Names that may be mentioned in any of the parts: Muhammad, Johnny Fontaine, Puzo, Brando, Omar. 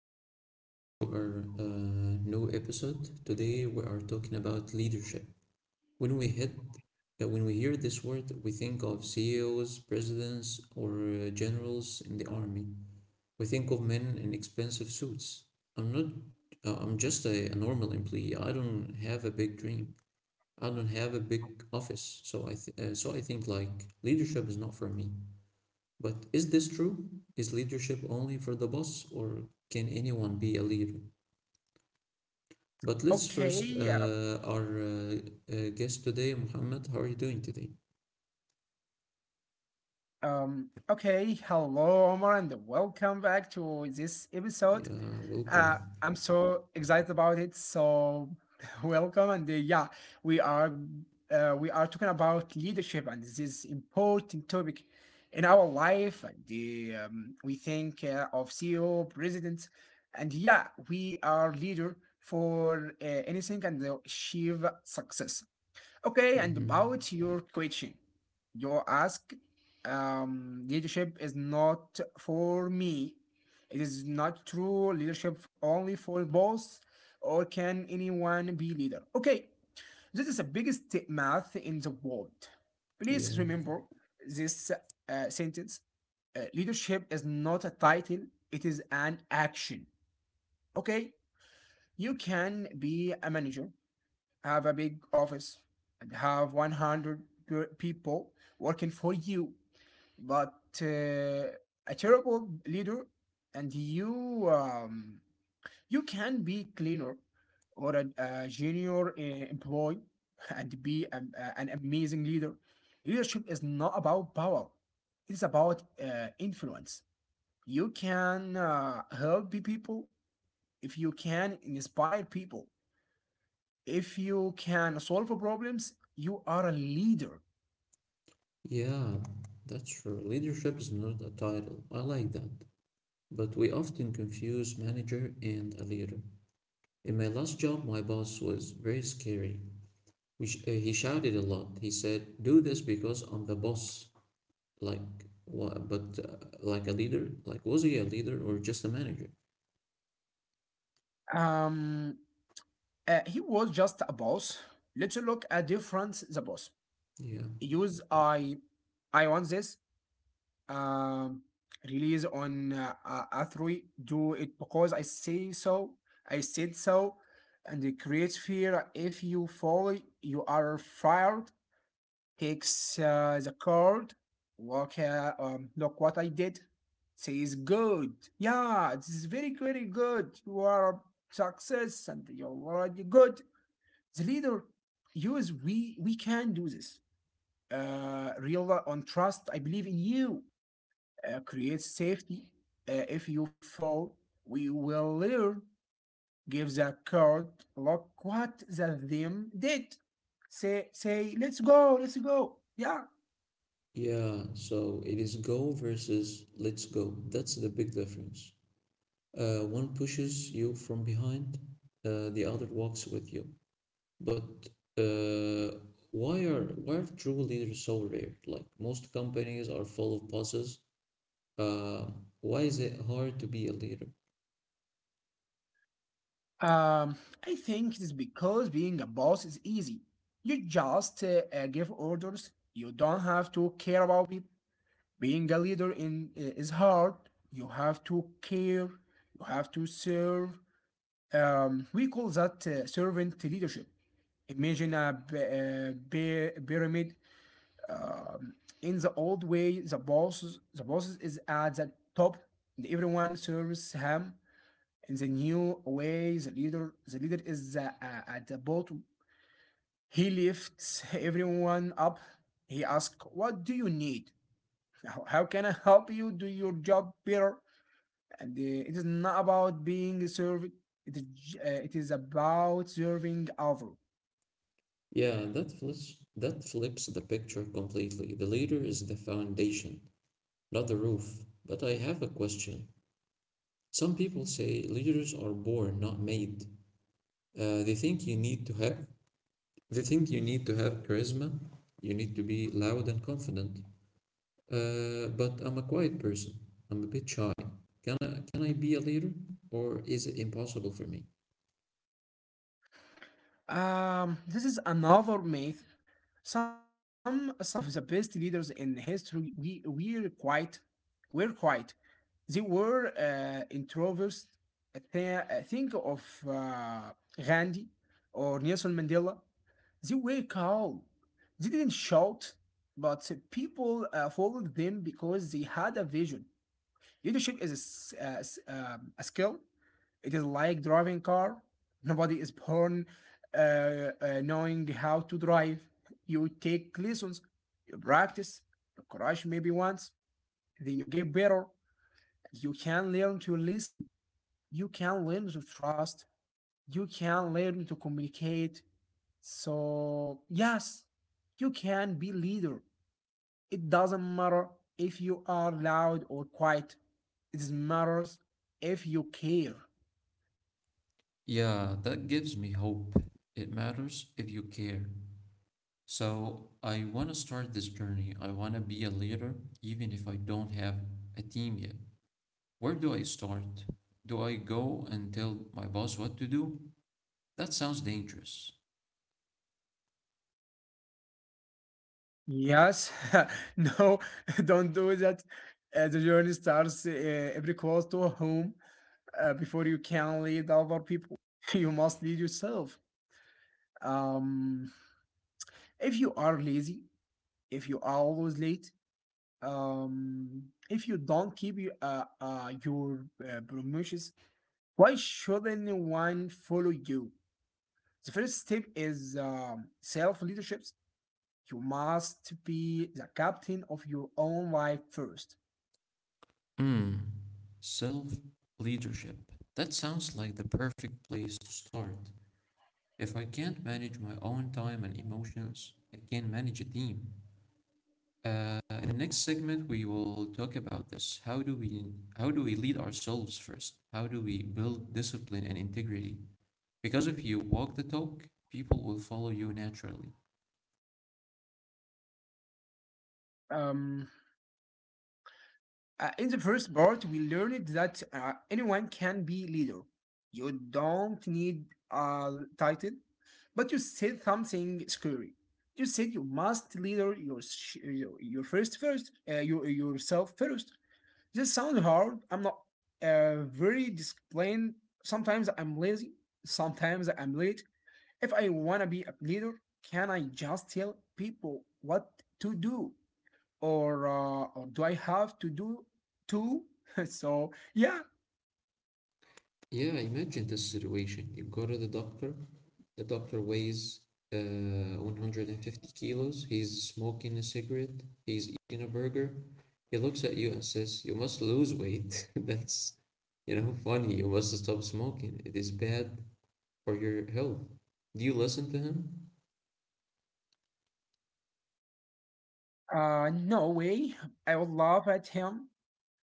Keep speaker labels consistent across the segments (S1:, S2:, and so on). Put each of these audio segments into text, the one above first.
S1: everyone, welcome to our new episode. Today we are talking about leadership. When we hit, when we hear this word, we think of CEOs, presidents, or generals in the army. We think of men in expensive suits. I'm not. I'm just a normal employee. I don't have a big dream. I don't have a big office. So I think like leadership is not for me. But is this true? Is leadership only for the boss, or can anyone be a leader? But let's
S2: Okay,
S1: first,
S2: yeah.
S1: our guest today, Muhammad, how are you doing today?
S2: Okay, hello, Omar, and welcome back to this episode.
S1: Yeah, welcome.
S2: I'm so excited about it. So welcome, and yeah, we are we are talking about leadership, and this is important topic in our life. We think of CEO, president, and yeah, we are leader for anything and achieve success. Okay, and
S1: Hmm.
S2: about your question, you ask, leadership is not for me. It is not true leadership only for boss, or can anyone be leader? Okay, this is the biggest math in the world.
S1: Yeah,
S2: Please remember this sentence. Leadership is not a title, it is an action. Okay, you can be a manager, have a big office and have 100 people working for you but uh, a terrible leader and you can be cleaner or a junior employee and be an amazing leader. Leadership is not about power, it's about influence. You can help people, if you can inspire people, if you can solve problems, you are a leader.
S1: yeah, that's true. Leadership is not a title. I like that. But we often confuse manager and a leader. In my last job, my boss was very scary. He shouted a lot. He said, do this because I'm the boss. Like what? But like a leader? Like was he a leader or just a manager?
S2: Um, he was just a boss. Let's look at difference the boss.
S1: Yeah.
S2: Use I, I want this um, release on a three. Do it because I say so. I said so, and it creates fear. If you fall, you are fired. Takes the card. Look, look what I did. Says good. Yeah, this is very, very good. You are a success and you're already good. The leader, you is we can do this. Real on trust. I believe in you. Create safety. If you fall, we will learn. Give the card. Look what the them did. Say let's go, let's go. Yeah.
S1: Yeah, so it is go versus let's go. That's the big difference. One pushes you from behind, the other walks with you. But uh, why are true leaders so rare? Like most companies are full of bosses. Uh, why is it hard to be a leader?
S2: Um, I think it is because being a boss is easy. You just give orders. You don't have to care about people. Being a leader in is hard. You have to care. You have to serve. We call that servant leadership. Imagine a pyramid. Um, in the old way, the boss is at the top. And everyone serves him. In the new way, the leader is at the bottom. He lifts everyone up. He asks, what do you need, how can I help you do your job better? And it is not about being served, it is, it is about serving others.
S1: Yeah, that flips the picture completely. The leader is the foundation, not the roof. But I have a question. Some people say leaders are born, not made. Uh, they think you need to have they think you need to have charisma, you need to be loud and confident. But I'm a quiet person. I'm a bit shy. Can I be a leader, or is it impossible for me?
S2: This is another myth. Some of the best leaders in history we, were quite, Were quite. They were introverts. Think of uh, Gandhi or Nelson Mandela. They were calm. They didn't shout, but people followed them because they had a vision. Leadership is a skill, it is like driving car. Nobody is born knowing how to drive. You take lessons, you practice, you crash maybe once, then you get better. You can learn to listen. You can learn to trust. You can learn to communicate. So yes, you can be leader. It doesn't matter if you are loud or quiet. It matters if you care.
S1: Yeah, that gives me hope. It matters if you care. So I want to start this journey. I want to be a leader, even if I don't have a team yet. Where do I start? Do I go and tell my boss what to do? That sounds dangerous.
S2: Yes. No, don't do that. The journey starts every close to home. Before you can lead other people, you must lead yourself. Um, if you are lazy, if you are always late, if you don't keep your promises, why should anyone follow you? The first step is self leadership. You must be the captain of your own life first.
S1: Hmm. Self leadership. That sounds like the perfect place to start. If I can't manage my own time and emotions, I can manage a team. In the next segment, we will talk about this. How do we lead ourselves first? How do we build discipline and integrity? Because if you walk the talk, people will follow you naturally.
S2: Um, in the first part, we learned that anyone can be leader. You don't need a title, but you said something scary. You said you must leader your yourself first. This sounds hard. I'm not very disciplined. Sometimes I'm lazy. Sometimes I'm late. If I want to be a leader, can I just tell people what to do? Or or do I have to do too? So, yeah,
S1: Yeah, imagine this situation. You go to the doctor weighs uh, 150 kilos, he's smoking a cigarette, he's eating a burger. He looks at you and says, you must lose weight. That's, you know, funny. You must stop smoking. It is bad for your health. Do you listen to him?
S2: no way. I would laugh at him.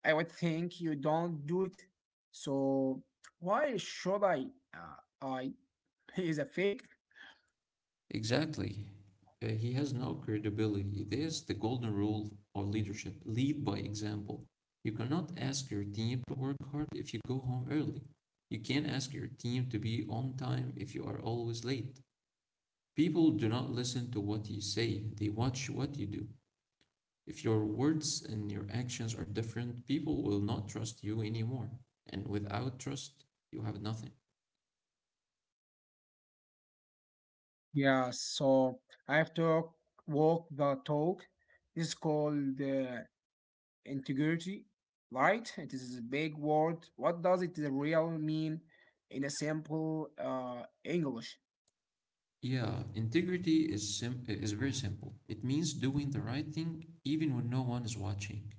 S2: I would think you don't do it. So, why should I? I he is a fake.
S1: Exactly. He has no credibility. There's the golden rule of leadership: lead by example. You cannot ask your team to work hard if you go home early. You can't ask your team to be on time if you are always late. People do not listen to what you say, they watch what you do. If your words and your actions are different, people will not trust you anymore. And without trust, you have nothing.
S2: Yeah, so I have to walk the talk. It's called integrity, right? It is a big word. What does it really mean in a simple English?
S1: Yeah, is very simple. It means doing the right thing even when no one is watching.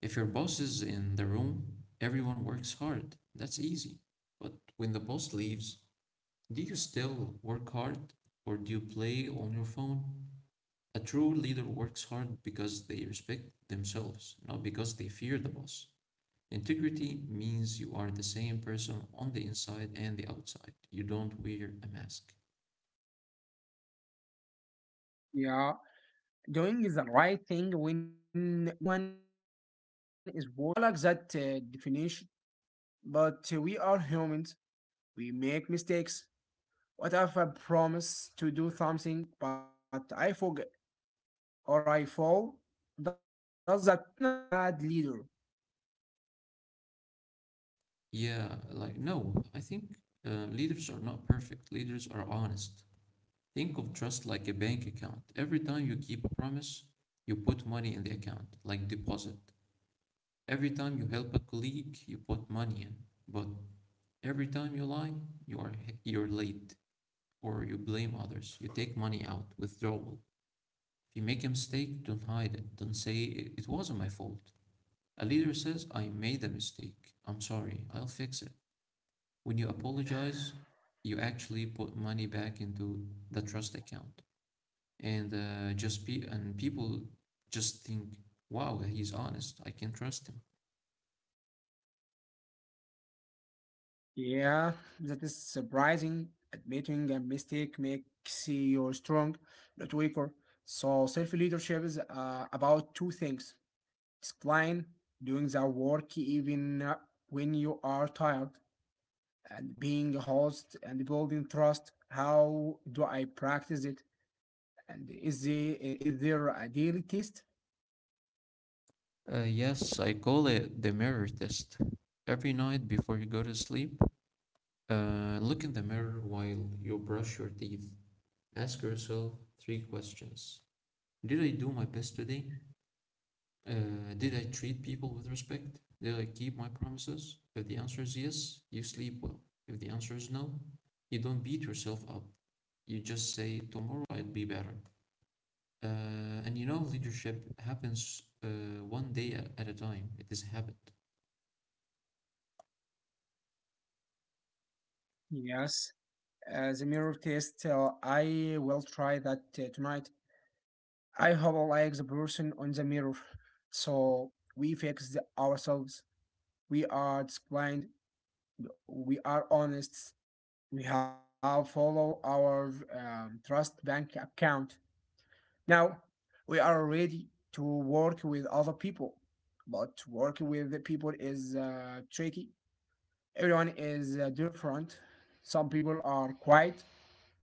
S1: If your boss is in the room, everyone works hard. That's easy. But when the boss leaves, do you still work hard, or do you play on your phone? A true leader works hard because they respect themselves, not because they fear the boss. Integrity means you are the same person on the inside and the outside. You don't wear a mask.
S2: Yeah, doing the right thing when no one is watching. I like that definition, but we are humans. We make mistakes. What if I promise to do something, but I forget or I fall? Does that mean I am bad leader?
S1: Yeah, like, no, I think leaders are not perfect. Leaders are honest. Think of trust like a bank account. Every time you keep a promise, you put money in the account, like deposit. Every time you help a colleague, you put money in. But every time you lie, you're late or you blame others. You take money out, withdrawal. If you make a mistake, don't hide it. Don't say it wasn't my fault. A leader says, I made a mistake. I'm sorry. I'll fix it. When you apologize, you actually put money back into the trust account, and just be and people just think, "Wow, he's honest. I can trust him."
S2: Yeah, that is surprising. Admitting a mistake makes you strong, not weaker. So self-leadership is about two things. It's client doing the work even when you are tired, and being a host and building trust. How do I practice it? And is there a daily test?
S1: Yes, I call it the mirror test. Every night before you go to sleep, look in the mirror while you brush your teeth. Ask yourself three questions: Did I do my best today? Did I treat people with respect? Did I keep my promises? If the answer is yes, you sleep well. If the answer is no, you don't beat yourself up. You just say, tomorrow I'll be better. And you know, leadership happens one day at a time. It is a habit.
S2: Yes, the mirror test. I will try that tonight. I howl like the person on the mirror. So we fix ourselves. We are disciplined. We are honest. We have follow our trust bank account. Now we are ready to work with other people, but working with the people is tricky. Everyone is different. Some people are quiet.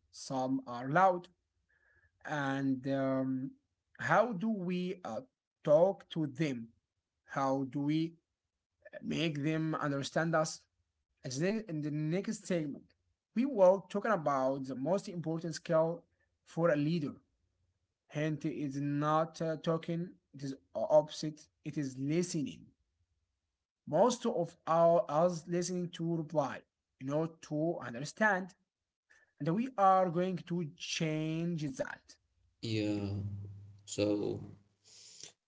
S2: Some are loud. And how do we talk to them? How do we make them understand us? As in the next segment, we were talking about the most important skill for a leader. Hint is not talking; it is opposite. It is listening. Most of our us listening to reply, you know, to understand, and we are going to change that.
S1: Yeah. So,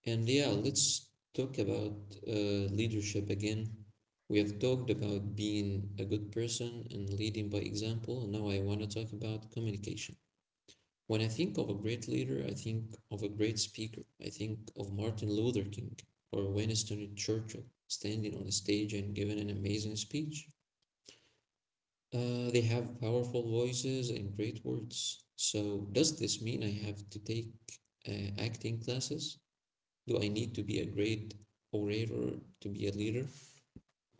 S1: and yeah, let's talk about leadership again. We have talked about being a good person and leading by example. Now I want to talk about communication. When I think of a great leader, I think of a great speaker. I think of Martin Luther King or Winston Churchill standing on a stage and giving an amazing speech. They have powerful voices and great words. So does this mean I have to take uh, acting classes? Do I need to be a great orator to be a leader? I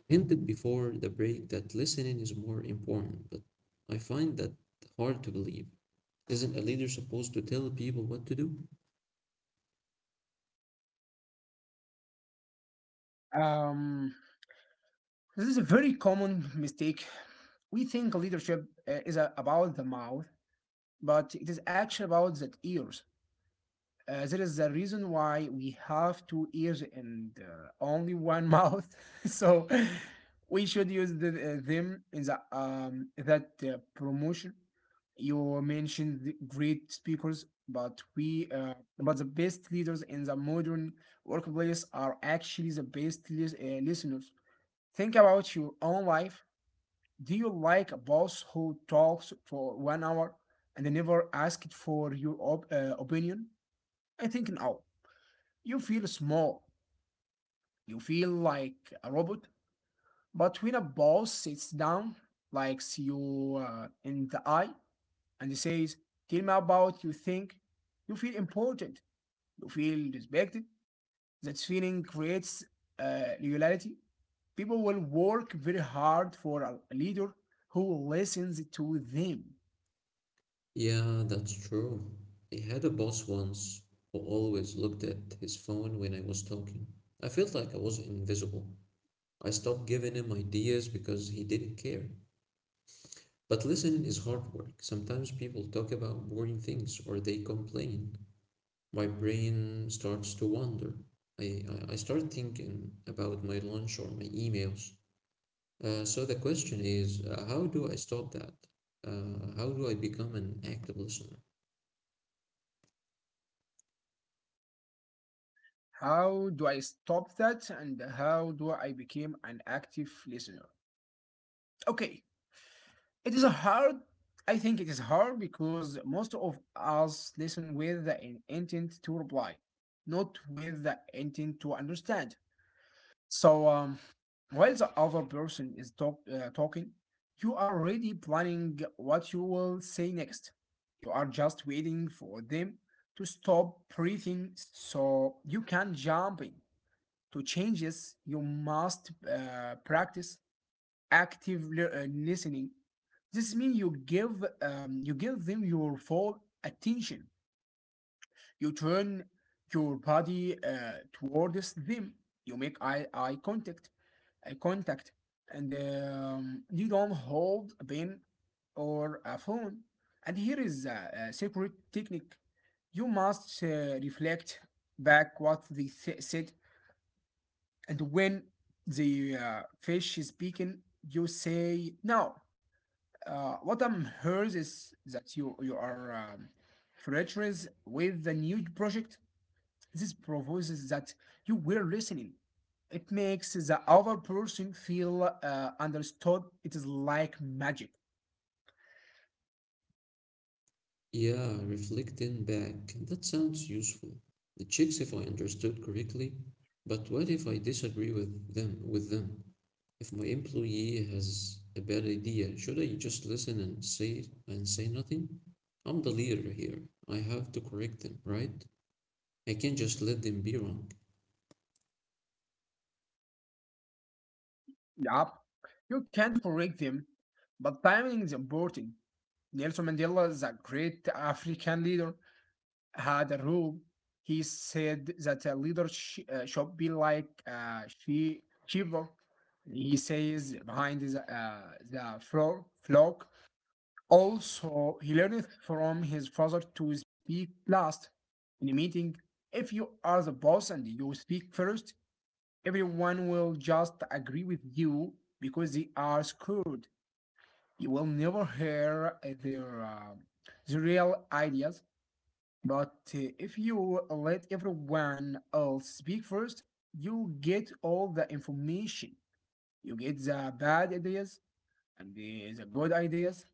S1: hinted before the break that listening is more important, but I find that hard to believe. Isn't a leader supposed to tell people what to do?
S2: Um, This is a very common mistake. We think leadership is about the mouth, but it is actually about the ears. There is a reason why we have two ears and only one mouth. So we should use them in the that promotion. You mentioned the great speakers, but the best leaders in the modern workplace are actually the best listeners. Think about your own life, do you like a boss who talks for 1 hour and they never asked for your opinion? I think no. You feel small. You feel like a robot. But when a boss sits down, likes you in the eye, and he says, tell me about you think, you feel important. You feel respected. That feeling creates loyalty. People will work very hard for a leader who listens to them.
S1: Yeah, that's true. I had a boss once who always looked at his phone when I was talking. I felt like I was invisible. I stopped giving him ideas because he didn't care. But listening is hard work. Sometimes people talk about boring things or they complain. My brain starts to wander. I start thinking about my lunch or my emails. So the question is, how do I stop that? How do I become an active listener?
S2: How do I stop that and how do I become an active listener? Okay, it is hard. I think it is hard because most of us listen with the intent to reply, not with the intent to understand. So, while the other person is talking, you are already planning what you will say next. You are just waiting for them to stop breathing so you can jump in. To changes, you must practice active listening. This means you give them your full attention. You turn your body towards them. You make eye contact, and you don't hold a pen or a phone. And here is a secret technique. You must reflect back what they said. And when the fish is speaking, you say, "No, what I'm heard is that you are flatterers with the new project." This proves that you were listening. It makes the other person feel understood. It is like magic.
S1: Yeah, reflecting back. That sounds useful. The chicks, if I understood correctly, but what if I disagree with them? If my employee has a bad idea, should I just listen and say nothing? I'm the leader here. I have to correct them, right? I can't just let them be wrong.
S2: Yup, you can't correct them, but timing is important. Nelson Mandela is a great African leader. Had a rule. He said that a leader should be like a shepherd. He says behind the flock. Also, he learned from his father to speak last in a meeting. If you are the boss and you speak first, everyone will just agree with you because they are screwed. You will never hear the real ideas. But if you let everyone else speak first, you get all the information. You get the bad ideas and the good ideas.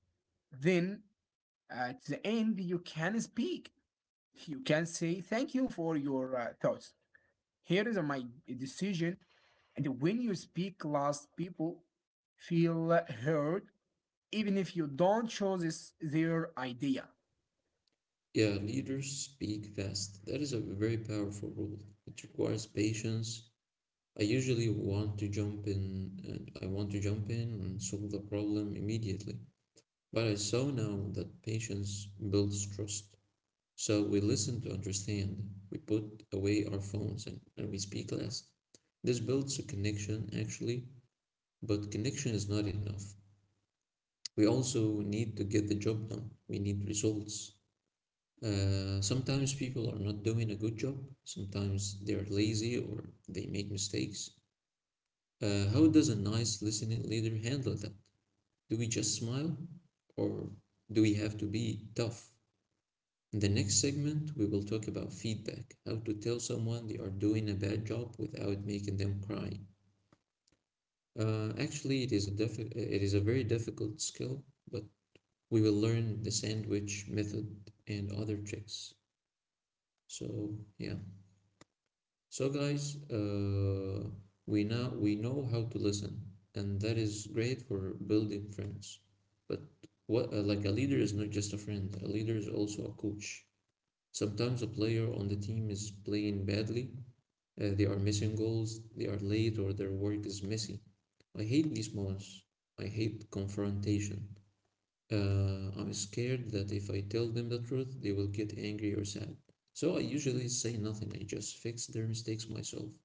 S2: Then at the end, you can speak. You can say, thank you for your thoughts. Here is my decision. And when you speak last, people feel heard, even if you don't choose this, their idea.
S1: Yeah, leaders speak fast. That is a very powerful rule. It requires patience. I usually want to jump in, I want to jump in and solve the problem immediately. But I saw now that patience builds trust. So we listen to understand, we put away our phones, and we speak last. This builds a connection actually, but connection is not enough. We also need to get the job done. We need results. Sometimes people are not doing a good job. Sometimes they are lazy or they make mistakes. How does a nice listening leader handle that? Do we just smile, or do we have to be tough? In the next segment, we will talk about feedback: how to tell someone they are doing a bad job without making them cry. Actually, it is a very difficult skill, but we will learn the sandwich method and other tricks. So, yeah, so guys, we know how to listen, and that is great for building friends. But what like a leader is not just a friend. A leader is also a coach. Sometimes a player on the team is playing badly. They are missing goals. They are late, or their work is messy. I hate these moments. I hate confrontation. I'm scared that if I tell them the truth, they will get angry or sad. So I usually say nothing. I just fix their mistakes myself.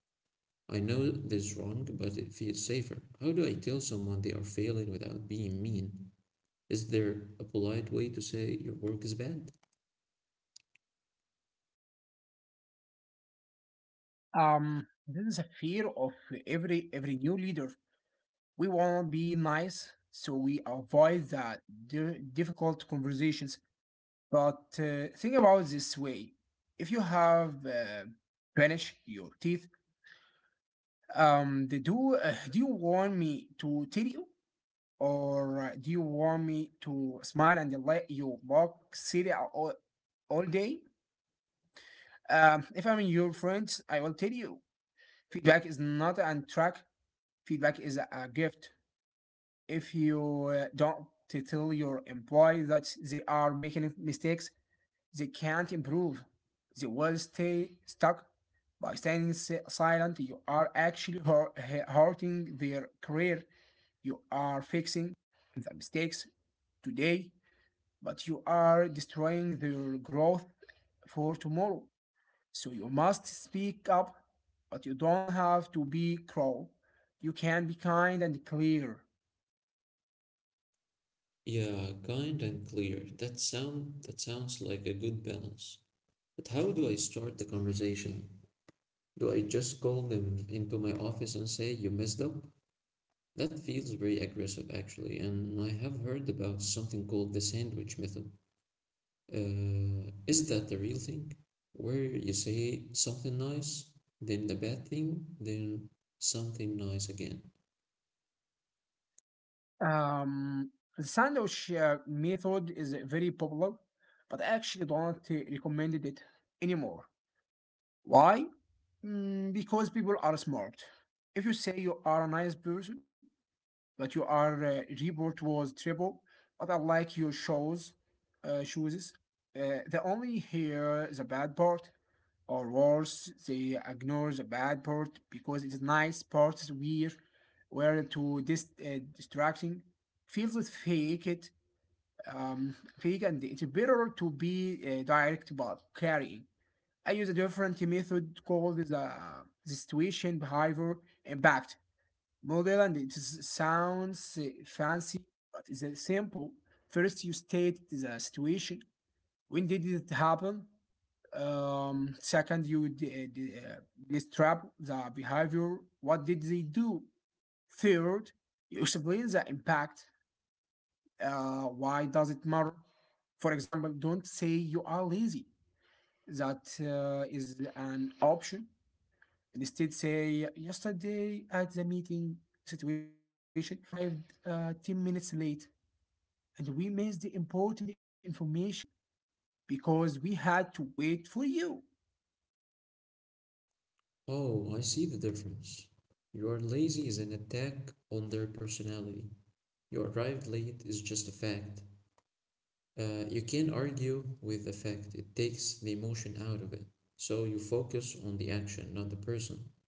S1: I know this is wrong, but it feels safer. How do I tell someone they are failing without being mean? Is there a polite way to say your work is bad?
S2: This is a fear of every new leader. We want to be nice, so we avoid that difficult conversations. But think about it this way: if you have vanish your teeth, they do do you want me to tell you, or do you want me to smile and let you walk silly all day? If I'm your friend, I will tell you. Feedback is not an track. Feedback is a gift. If you don't tell your employee that they are making mistakes, they can't improve. They will stay stuck. By staying silent, you are actually hurting their career. You are fixing the mistakes today, but you are destroying their growth for tomorrow. So you must speak up, but you don't have to be cruel. You can be kind and clear.
S1: Yeah, kind and clear. That sounds like a good balance. But how do I start the conversation? Do I just call them into my office and say you messed up? That feels very aggressive actually, and I have heard about something called the sandwich method. Is that the real thing? Where you say something nice, then the bad thing, then something nice again.
S2: Um, the sandwich method is very popular, but I actually don't recommend it anymore. Why? Mm, because people are smart. If you say you are a nice person, that you are report was triple, but I like your shows, shoes. They only hear the bad part, or worse, they ignore the bad part because it is nice parts we weird were too distracting. Feels it, fake, and it's better to be direct but carrying. I use a different method called the situation behavior impact. Modern, it sounds fancy, but it's simple. First, you state the situation. When did it happen? Second, you describe the behavior. What did they do? Third, you explain the impact. Why does it matter? For example, don't say you are lazy. That is an option. Instead, say, yesterday at the meeting situation, you arrived 10 minutes late and we missed the important information because we had to wait for you.
S1: Oh, I see the difference. You are lazy is an attack on their personality. You arrived late is just a fact. You can't argue with the fact, it takes the emotion out of it. So you focus on the action, not the person.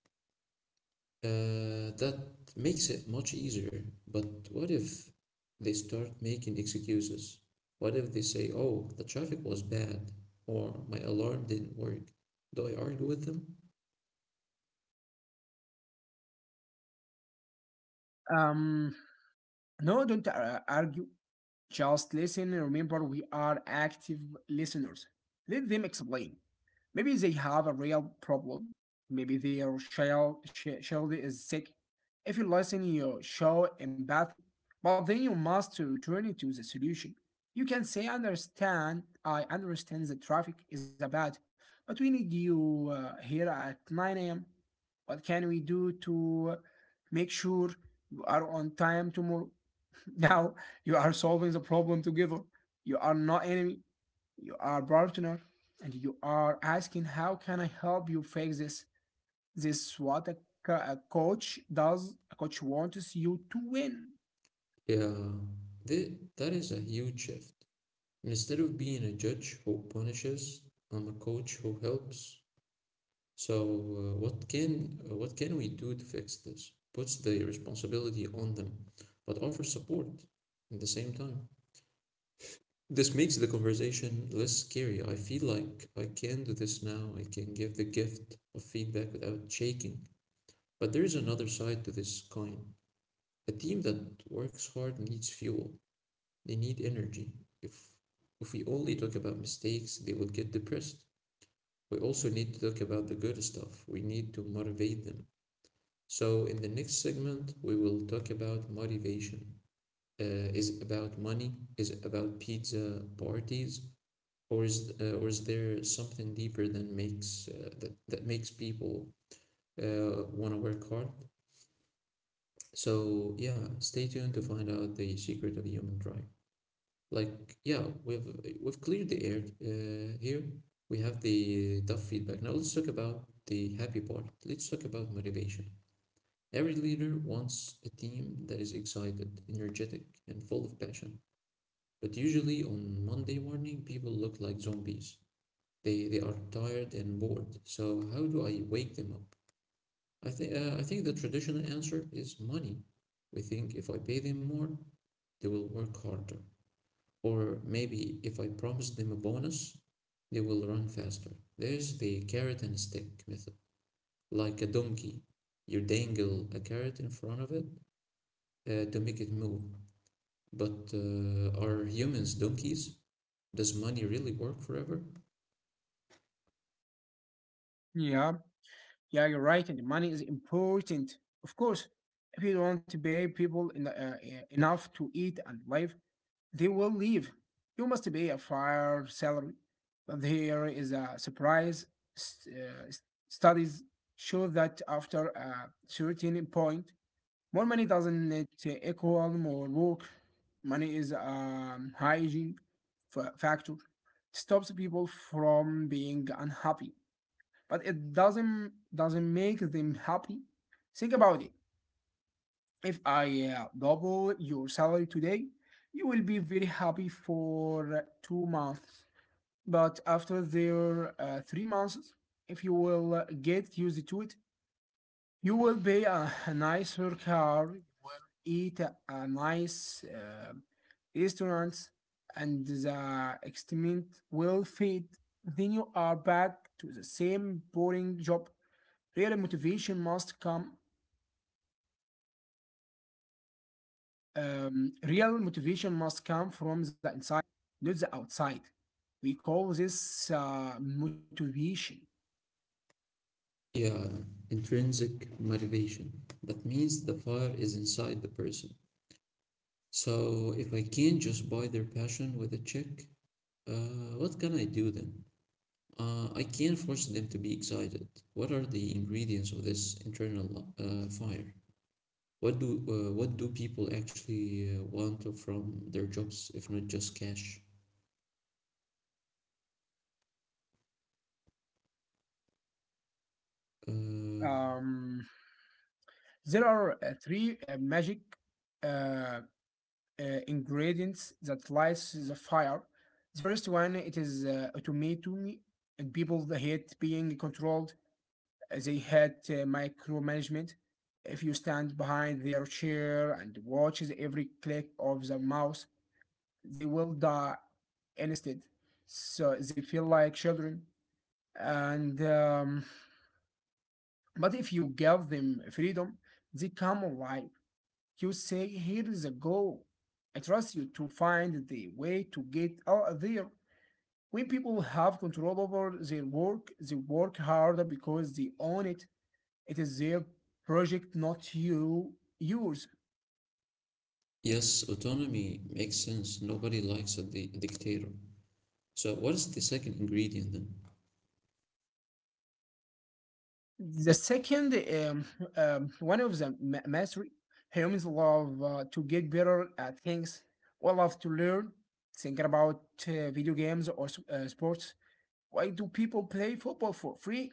S1: That makes it much easier. But what if they start making excuses? What if they say, oh, the traffic was bad, or my alarm didn't work? Do I argue with them?
S2: Um, no, don't argue. Just listen, remember we are active listeners. Let them explain. Maybe they have a real problem. Maybe their child is sick. If you listen, you show empathy, but then you must return to the solution. You can say, I understand the traffic is bad, but we need you here at 9 a.m. What can we do to make sure you are on time tomorrow?" Now you are solving the problem together. You are not enemy, you are partner, and you are asking, how can I help you fix this? What a coach does. A coach wants you to win.
S1: Yeah, th- that is a huge shift. And instead of being a judge who punishes, I'm a coach who helps. So, what can we do to fix this? Puts the responsibility on them, but offers support at the same time. This makes the conversation less scary. I feel like I can do this now. I can give the gift of feedback without shaking. But there is another side to this coin. A team that works hard needs fuel. They need energy. If if we only talk about mistakes, they will get depressed. We also need to talk about the good stuff. We need to motivate them. So in the next segment, we will talk about motivation. Is it about money? Is it about pizza parties? Or is there something deeper than makes that makes people want to work hard? So yeah, stay tuned to find out the secret of the human drive. Like yeah, we've cleared the air here. We have the tough feedback. Now let's talk about the happy part. Let's talk about motivation. Every leader wants a team that is excited, energetic, and full of passion. But usually on Monday morning, people look like zombies. They are tired and bored. So how do I wake them up? I think the traditional answer is money. We think if I pay them more, they will work harder, or maybe if I promise them a bonus, they will run faster. There's the carrot and stick method, like a donkey. You dangle a carrot in front of it to make it move. But are humans donkeys? Does money really work forever?
S2: Yeah, yeah, you're right, and money is important, of course. If you don't pay people in, enough to eat and live, they will leave. You must pay a fair salary, but here is a surprise. S- uh, s- Studies show that after a certain point, more money doesn't it equal more work. Money is a hygiene factor. It stops people from being unhappy, but it doesn't make them happy. Think about it. If I double your salary today, you will be very happy for 2 months. But after their 3 months, if you will get used to it, you will buy a nicer car, eat a nice restaurants, and the experiment will fade. Then you are back to the same boring job. Real motivation must come. Real motivation must come from the inside, not the outside. We call this motivation.
S1: Yeah, intrinsic motivation. That means the fire is inside the person. So if I can't just buy their passion with a check, what can I do then? I can't force them to be excited. What are the ingredients of this internal fire? What do people actually want from their jobs if not just cash? Uh,
S2: Um, there are three magic uh, ingredients that lights the fire. The first one it is tomato, and people hate being controlled. They hate micromanagement. If you stand behind their chair and watches every click of the mouse, they will die instead. So they feel like children. And but if you give them freedom, they come alive. You say, here is a goal. I trust you to find the way to get out there. When people have control over their work, they work harder because they own it. It is their project, not you, yours.
S1: yes, autonomy makes sense. Nobody likes a dictator. So what is the second ingredient then?
S2: The second um, one of the mastery. Humans love to get better at things. We love to learn, thinking about video games or sports. Why do people play football for free?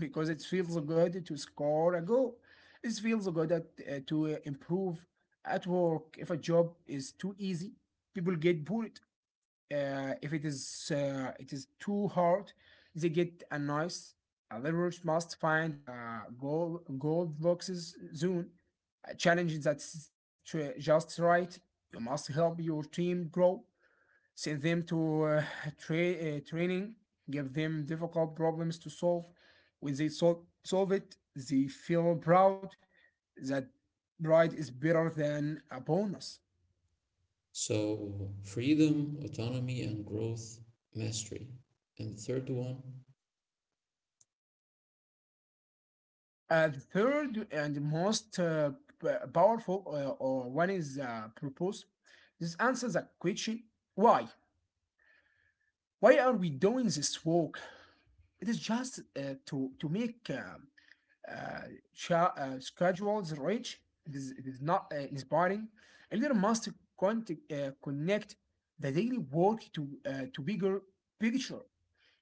S2: Because it feels good to score a goal. It feels good to improve at work. If a job is too easy, people get bored. If it is it is too hard, they get annoyed. A leader must find a goal gold boxes zone, a challenge that's just right. You must help your team grow, send them to training, give them difficult problems to solve. When they solve it, they feel proud. That pride is better than a bonus.
S1: So, freedom, autonomy, and growth, mastery. And the third one,
S2: The third and most powerful or one is purpose. This answers the question, why? Why are we doing this work? It is just to make uh, schedules reach. It is not inspiring. A leader must connect the daily work to bigger picture.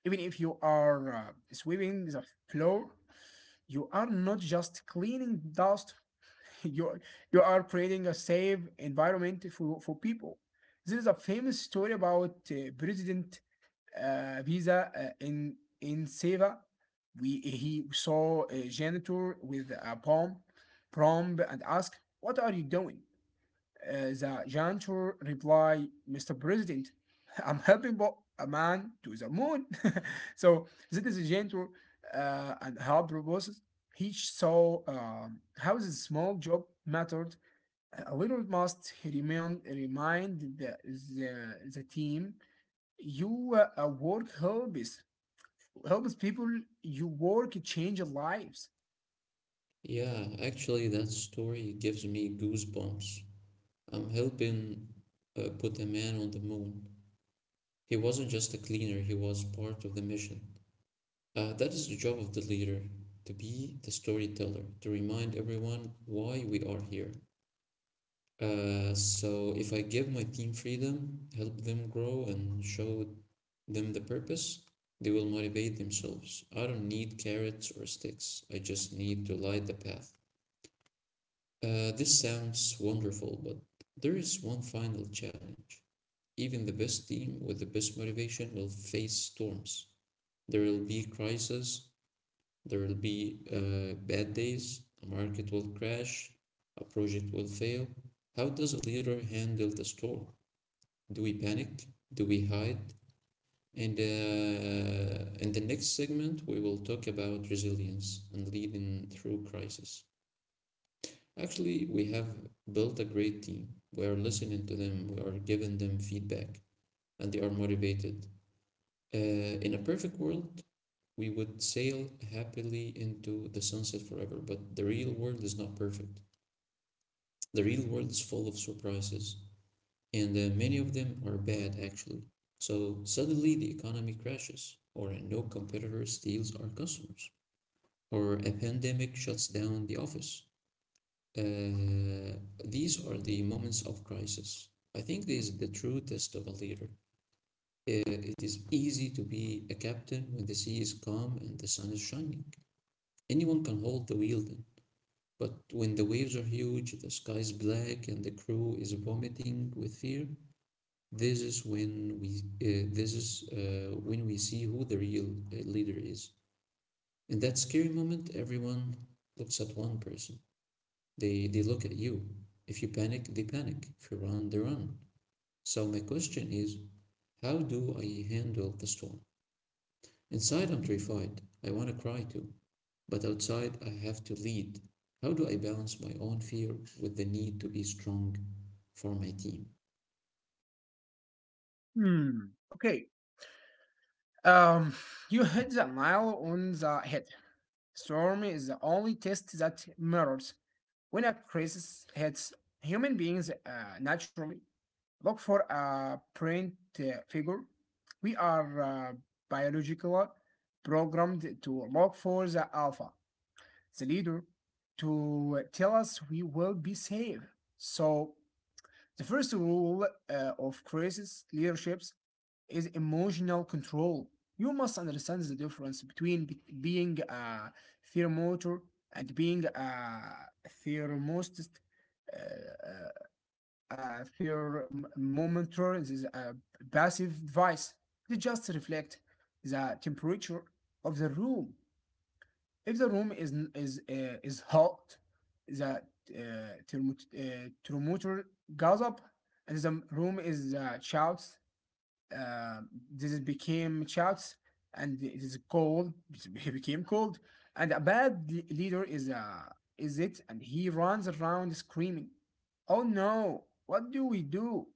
S2: Even if you are sweeping the floor, you are not just cleaning dust. you you are creating a safe environment for people. There is a famous story about President Visa in Seva. We he saw a janitor with a palm, prompt, and asked, "What are you doing?" The janitor replied, "Mr. President, I'm helping a man to the moon." So this is a janitor and help proposes. He saw how this small job mattered. A leader must remind the team, you work helps helps people. You work change lives.
S1: yeah, actually, that story gives me goosebumps. I'm helping put a man on the moon. He wasn't just a cleaner, he was part of the mission. That is the job of the leader to be the storyteller, to remind everyone why we are here. So, if I give my team freedom, help them grow, and show them the purpose, they will motivate themselves. I don't need carrots or sticks. I just need to light the path. This sounds wonderful, but there is one final challenge. Even the best team with the best motivation will face storms. There will be crises, there will be bad days, a market will crash, a project will fail. How does a leader handle the storm? Do we panic? Do we hide? And in the next segment, we will talk about resilience and leading through crisis. Actually, we have built a great team. We are listening to them, we are giving them feedback, and they are motivated. Uh, in a perfect world, we would sail happily into the sunset forever, but the real world is not perfect. The real world is full of surprises, and many of them are bad, actually. So suddenly the economy crashes, or a no competitor steals our customers. Or a pandemic shuts down the office. Uh, these are the moments of crisis. I think this is the true test of a leader. It is easy to be a captain when the sea is calm and the sun is shining. Anyone can hold the wheel then. But when the waves are huge, the sky is black, and the crew is vomiting with fear, this is when we this is when we see who the real leader is. In that scary moment, everyone looks at one person. They look at you. If you panic, they panic. If you run, they run. So my question is, how do I handle the storm? Inside, I'm terrified. I want to cry too. But outside, I have to lead. How do I balance my own fear with the need to be strong for my team?
S2: Hmm. Okay. Um, you hit the nail on the head. Storm is the only test that matters. When a crisis hits, human beings naturally look for a print figure. We are biologically programmed to look for the alpha, the leader, to tell us we will be safe. So the first rule of crisis leaderships is emotional control. You must understand the difference between being a thermometer and being a thermostat. Uh, a thermometer is a passive device. They just reflect the temperature of the room. If the room is hot, the thermometer goes up, and the room is shouts. Uh, this is became shouts, and it is cold. It became cold, and a bad leader is it, and he runs around screaming, "Oh no! What do we do?"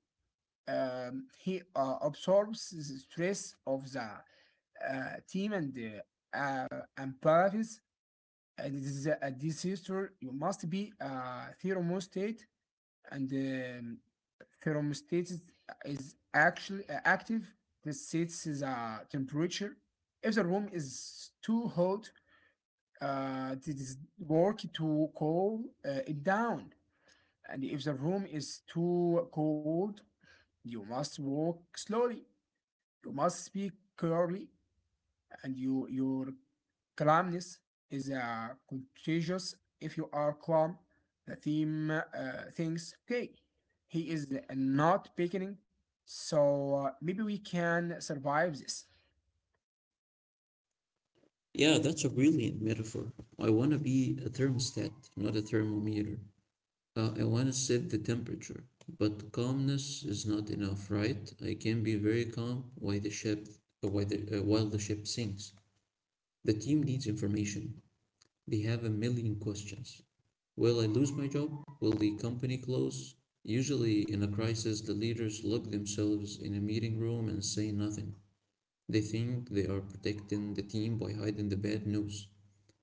S2: He absorbs the stress of the team and uh, empathies, and this is a transistor. You must be a thermostat, and thermostat is actually active. This sets is a temperature. If the room is too hot, it is work to cool it down, and if the room is too cold, you must walk slowly, you must speak clearly, and you, your calmness is contagious. If you are calm, the team thinks, okay, he is not picking, so maybe we can survive this.
S1: Yeah, that's a brilliant metaphor. I want to be a thermostat, not a thermometer. I want to set the temperature, but calmness is not enough, right? I can be very calm while the ship sinks. The team needs information. They have a million questions. Will I lose my job? Will the company close? Usually, in a crisis, the leaders lock themselves in a meeting room and say nothing. They think they are protecting the team by hiding the bad news.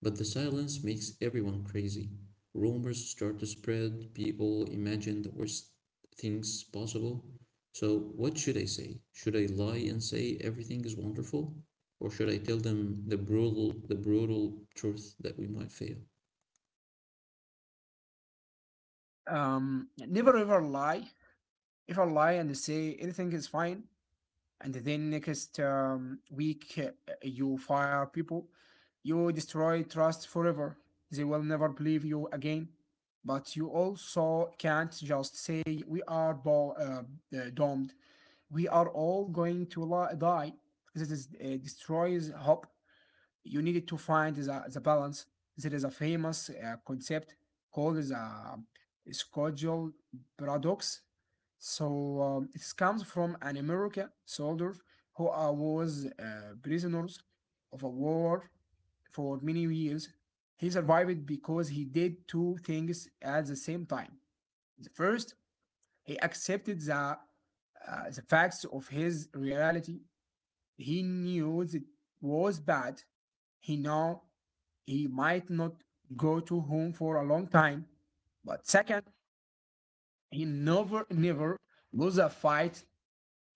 S1: But the silence makes everyone crazy. Rumors start to spread, people imagine the worst things possible. So, what should I say? Should I lie and say everything is wonderful? Or should I tell them the brutal truth that we might fail?
S2: Never ever lie. If I lie and say anything is fine, and then next week you fire people. You destroy trust forever. They will never believe you again. But you also can't just say we are domed. We are all going to die. This destroys hope. You needed to find the balance. There is a famous concept called the schedule paradox. So it comes from an American soldier who was prisoners of a war for many years. He survived because he did two things at the same time. The first, he accepted the the facts of his reality. He knew it was bad. He now he might not go to home for a long time. But second, he never, never lose a fight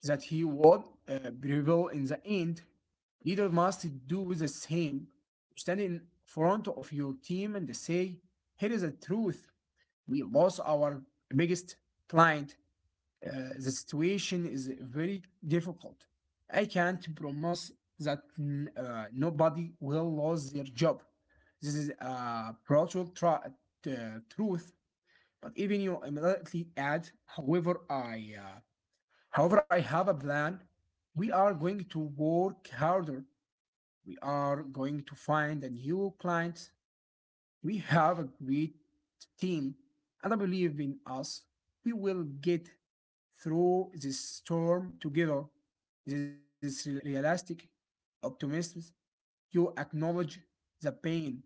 S2: that he would prevail in the end. Leader must do the same. Stand in front of your team and say, here is the truth. We lost our biggest client. The situation is very difficult. I can't promise that nobody will lose their job. This is a brutal truth. But even you immediately add, however, I have a plan. We are going to work harder. We are going to find a new client. We have a great team, and I believe in us. We will get through this storm together. This is realistic optimism. You acknowledge the pain,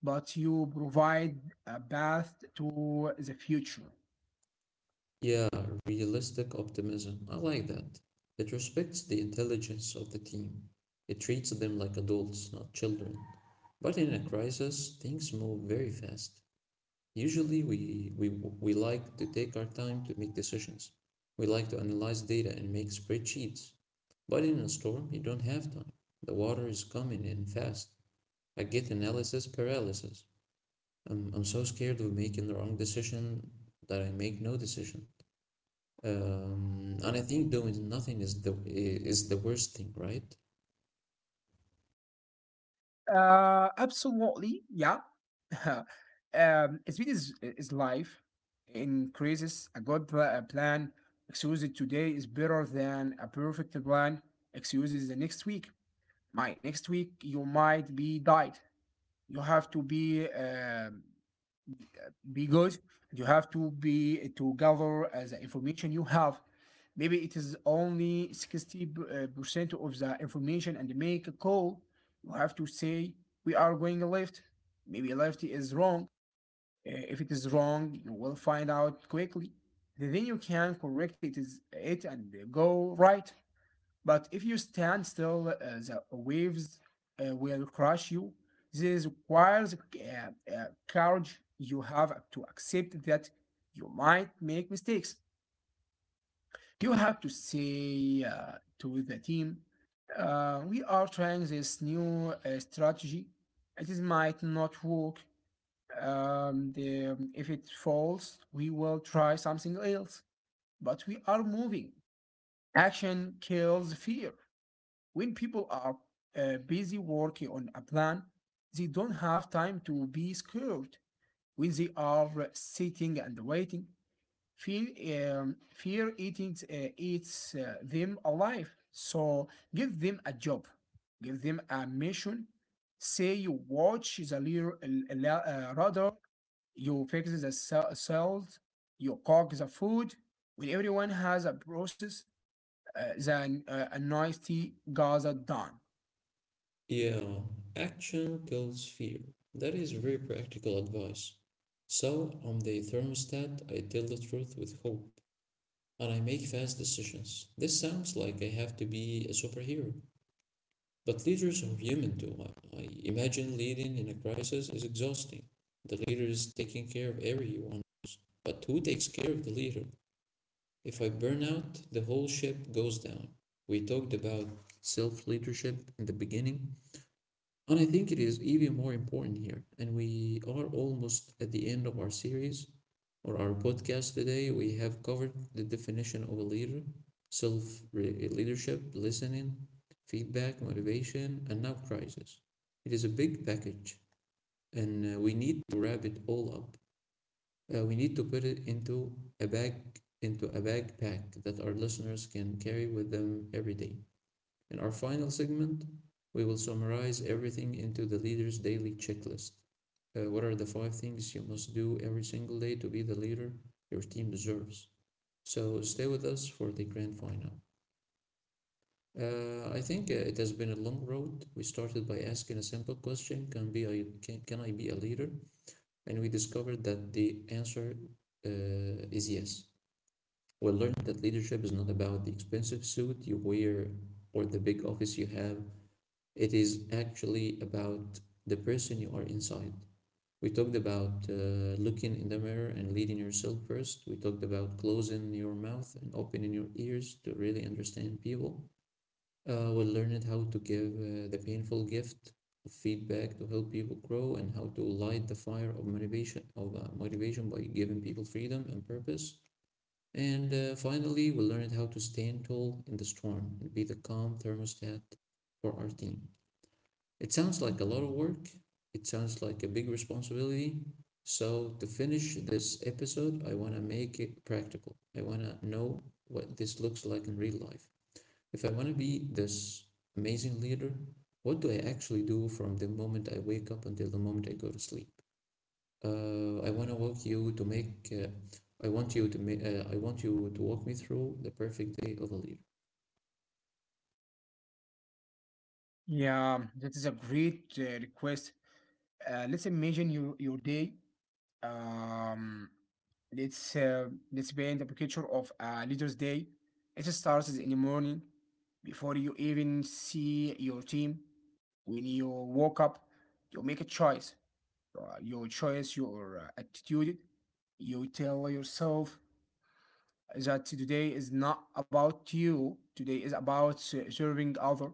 S2: but you provide a path to the future.
S1: Yeah, realistic optimism. I like that. It respects the intelligence of the team. It treats them like adults, not children. But in a crisis, things move very fast. Usually, we like to take our time to make decisions. We like to analyze data and make spreadsheets. But in a storm, you don't have time. The water is coming in fast. I get analysis paralysis. I'm so scared of making the wrong decision that I make no decision. And I think doing nothing is the worst thing, right?
S2: Absolutely, yeah. Speed is life. Increases a good plan. Excuses today is better than a perfect plan. Excuses the next week. My next week you might be died. You have to be because you have to be to gather as information you have, maybe it is only 60 percent of the information, and make a call. You have to say we are going left. Maybe left is wrong. If it is wrong, you will find out quickly, then you can correct it and go right. But if you stand still, the waves will crush you. This requires courage. You have to accept that you might make mistakes. You have to say to the team, we are trying this new strategy. It is might not work. If it falls, we will try something else. But we are moving. Action kills fear. When people are busy working on a plan, they don't have time to be scared. When they are sitting and waiting, fear, fear eating eats them alive. So give them a job, give them a mission. Say you watch the radar, you fix the cells, you cook the food. When everyone has a process, then a nasty Gaza done.
S1: Yeah, action kills fear. That is very practical advice. So, on the thermostat, I tell the truth with hope, and I make fast decisions. This sounds like I have to be a superhero, but leaders are human too. I imagine leading in a crisis is exhausting. The leader is taking care of everyone, but who takes care of the leader? If I burn out, the whole ship goes down. We talked about self leadership in the beginning, and I think it is even more important here. And we are almost at the end of our series or our podcast today. We have covered the definition of a leader, self leadership, listening, feedback, motivation, and now crisis. It is a big package, and we need to wrap it all up. We need to put it into a bag into a backpack that our listeners can carry with them every day. In our final segment, we will summarize everything into the leader's daily checklist. What are the five things you must do every single day to be the leader your team deserves? So stay with us for the grand final. I think it has been a long road. We started by asking a simple question: Can I be a leader? And we discovered that the answer is yes. We learned that leadership is not about the expensive suit you wear or the big office you have. It is actually about the person you are inside. We talked about looking in the mirror and leading yourself first. We talked about closing your mouth and opening your ears to really understand people. We learned how to give the painful gift of feedback to help people grow and how to light the fire of motivation by giving people freedom and purpose. And finally, we learned how to stand tall in the storm and be the calm thermostat for our team. It sounds like a lot of work, it sounds like a big responsibility. So, to finish this episode, I want to make it practical. I want to know what this looks like in real life. If I want to be this amazing leader, what do I actually do from the moment I wake up until the moment I go to sleep? I want to walk you to make. I want you to make. I want you to walk me through the perfect day of a leader.
S2: Yeah, that is a great request. Let's imagine your day. Um, let's let's paint a picture of a leader's day. It starts in the morning, before you even see your team. When you woke up, you make a choice. Your choice, your attitude. You tell yourself, that today is not about you. Today is about serving other.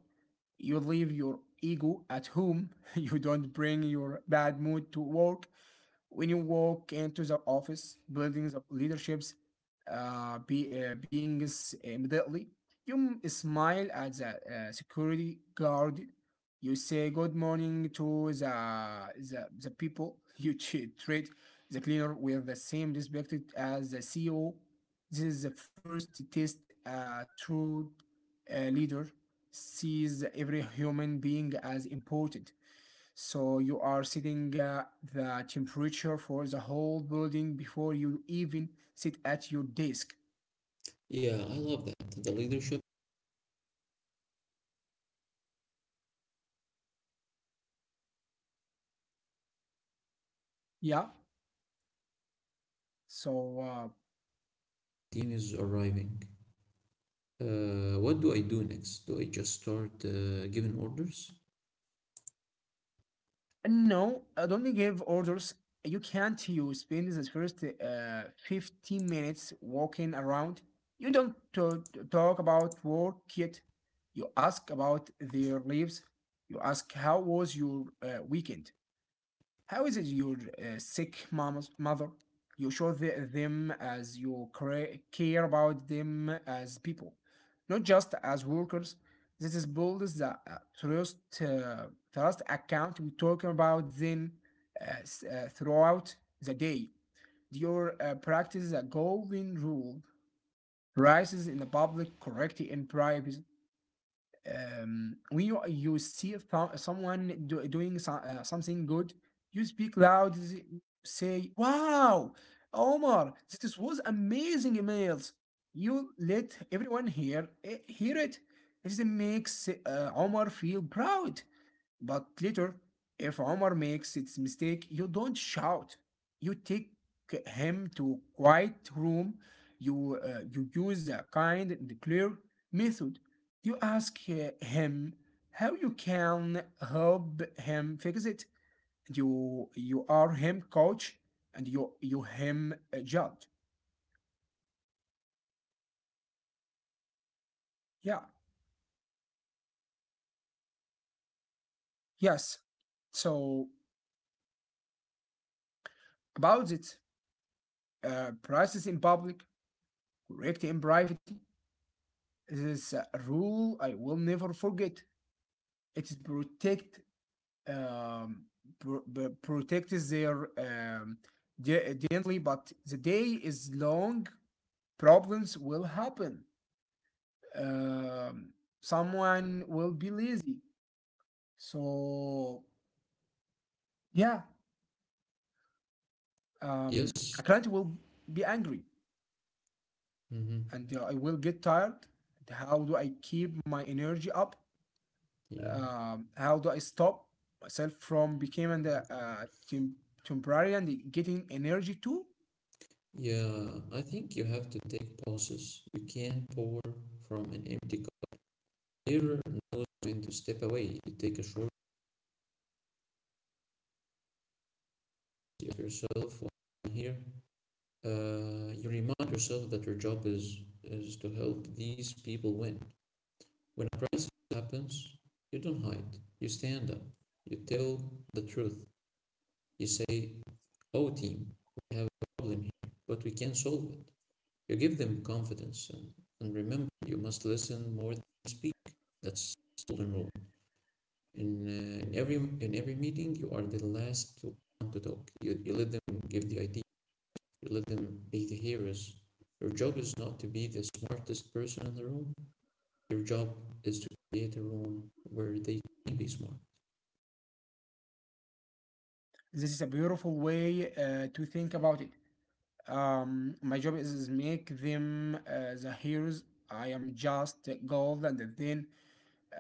S2: You leave your ego at home. You don't bring your bad mood to work. When you walk into the office, buildings of leaderships beings immediately, you smile at the security guard. You say good morning to the people. You treat the cleaner with the same respect as the CEO. This is the first test a true leader sees every human being as important, so you are setting the temperature for the whole building before you even sit at your desk.
S1: Yeah, I love that. The leadership
S2: Yeah. So
S1: team is arriving. What do I do next? Do I just start giving orders?
S2: no, I don't give orders. You can't. You spend the first 15 minutes walking around. You don't talk about work yet. You ask about their lives. You ask how was your weekend. How is it your sick mom's mother? You show them as you care about them as people, not just as workers. This is bold as the trust account we talk about then throughout the day. Your practice the golden rule rises in the public, correct in private. Um, when you see someone doing something good, you speak loud, say, "Wow, Omar, this was amazing emails." You let everyone hear hear it. This makes Omar feel proud. But later, if Omar makes its mistake, you don't shout. You take him to a quiet room. You use a kind and clear method. You ask him how you can help him fix it. And you are him coach and you him judge. Yeah. Yes. So about it, prices in public, correct in private. This is a rule I will never forget. It's protect um, protects their gently, but the day is long. Problems will happen. Um, someone will be lazy. So yeah, a
S1: Yes.
S2: client will be angry,
S1: Mm-hmm.
S2: and I will get tired. And how do I keep my energy up?
S1: Yeah.
S2: Um, how do I stop myself from becoming the temporary and getting energy too?
S1: Yeah. I think you have to take pauses. You can't pour from an empty cup. Leader knows when to step away. You take a short look at yourself here. You remind yourself that your job is to help these people win. When a crisis happens, you don't hide. You stand up. You tell the truth. You say oh team, we have a problem here, but we can solve it. You give them confidence and remember you must listen more than you speak. That's the golden rule. In every meeting you are the last to want to talk. You let them give the idea, you let them be the heroes. Your job is not to be the smartest person in the room. Your job is to create a room where they can be smart.
S2: This is a beautiful way to think about it. My job is make them the heroes. I am just gold, and then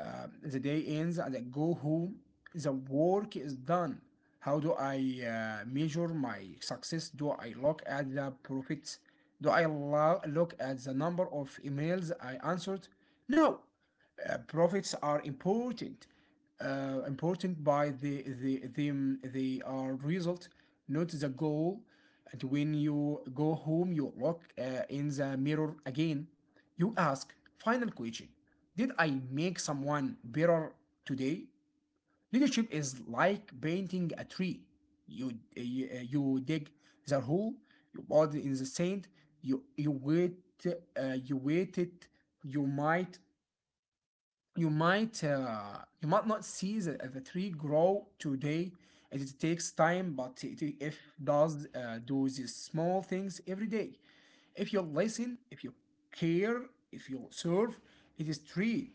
S2: The day ends and I go home. The work is done. How do I measure my success? Do I look at the profits? Do I look at the number of emails I answered? No. Profits are important. Important by they are result, not the goal. And when you go home, you look in the mirror again. You ask final question. Did I make someone better today? Leadership is like painting a tree. You dig the hole, you put in the sand, you, you wait, you wait it, you might you might not see the tree grow today, and it takes time but it, if does do these small things every day, if you listen, if you care, if you serve, it is tree,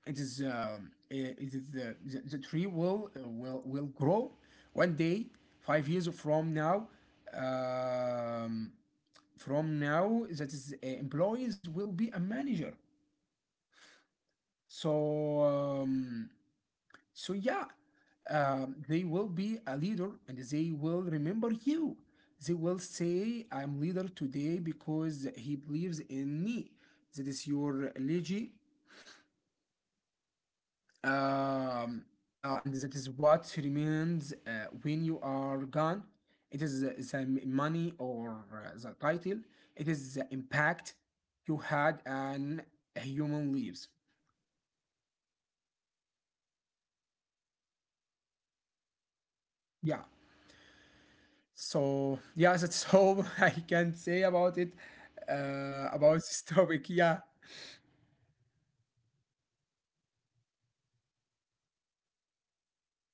S2: it is um, uh, it is the tree will will grow one day, 5 years from now. Um, from now, that is employees will be a manager. So um, yeah, they will be a leader and they will remember you. They will say, "I am leader today because he believes in me." That is your legacy, um, and that is what remains when you are gone. It is the money or the title. It is the impact you had on human lives. Yeah. So yeah, that's all I can say about it. About this topic. Yeah.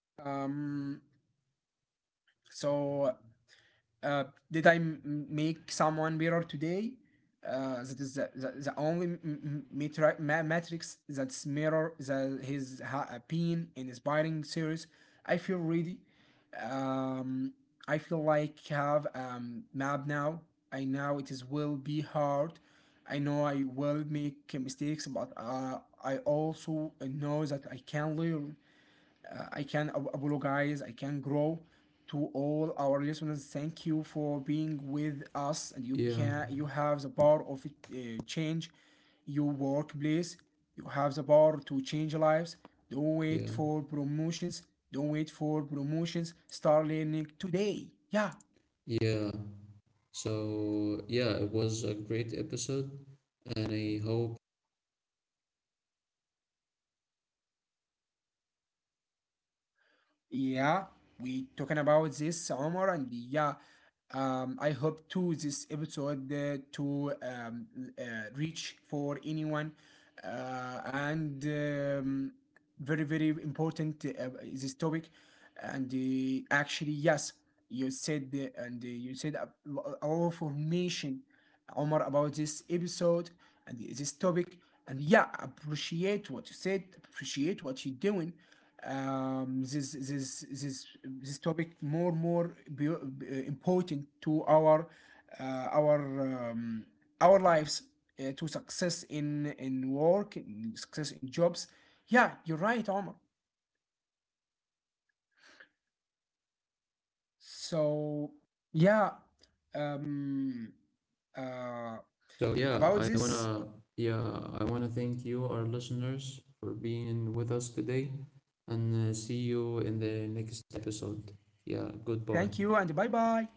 S2: Um. So uh, did I make someone better today? That is the only matrix that's mirror the, his been in inspiring series. I feel ready. Um, I feel like have map now. I know it is will be hard. I know I will make mistakes, but I also know that I can learn. I can apologize. I can grow. To all our listeners, thank you for being with us. And you
S1: Yeah,
S2: can you have the power of change your workplace. You have the power to change lives. Don't wait
S1: yeah,
S2: for promotions. Don't wait for promotions. Start learning today. Yeah.
S1: yeah. So yeah, it was a great episode, and I hope.
S2: Yeah, we talking about this, Omar, and yeah, I hope to this episode to uh, reach for anyone, and very very important this topic, and actually yes, you said and you said a, a lot of information, Omar, about this episode and this topic, and yeah, appreciate what you said, appreciate what you're doing, this topic more more important to our uh, our um, our lives, to success in work in success in jobs. Yeah, you're right, Omar. So yeah, um, uh,
S1: So yeah,
S2: about this.
S1: yeah I wanna thank you, our listeners, for being with us today, and see you in the next episode. Yeah, goodbye.
S2: Thank you and bye bye.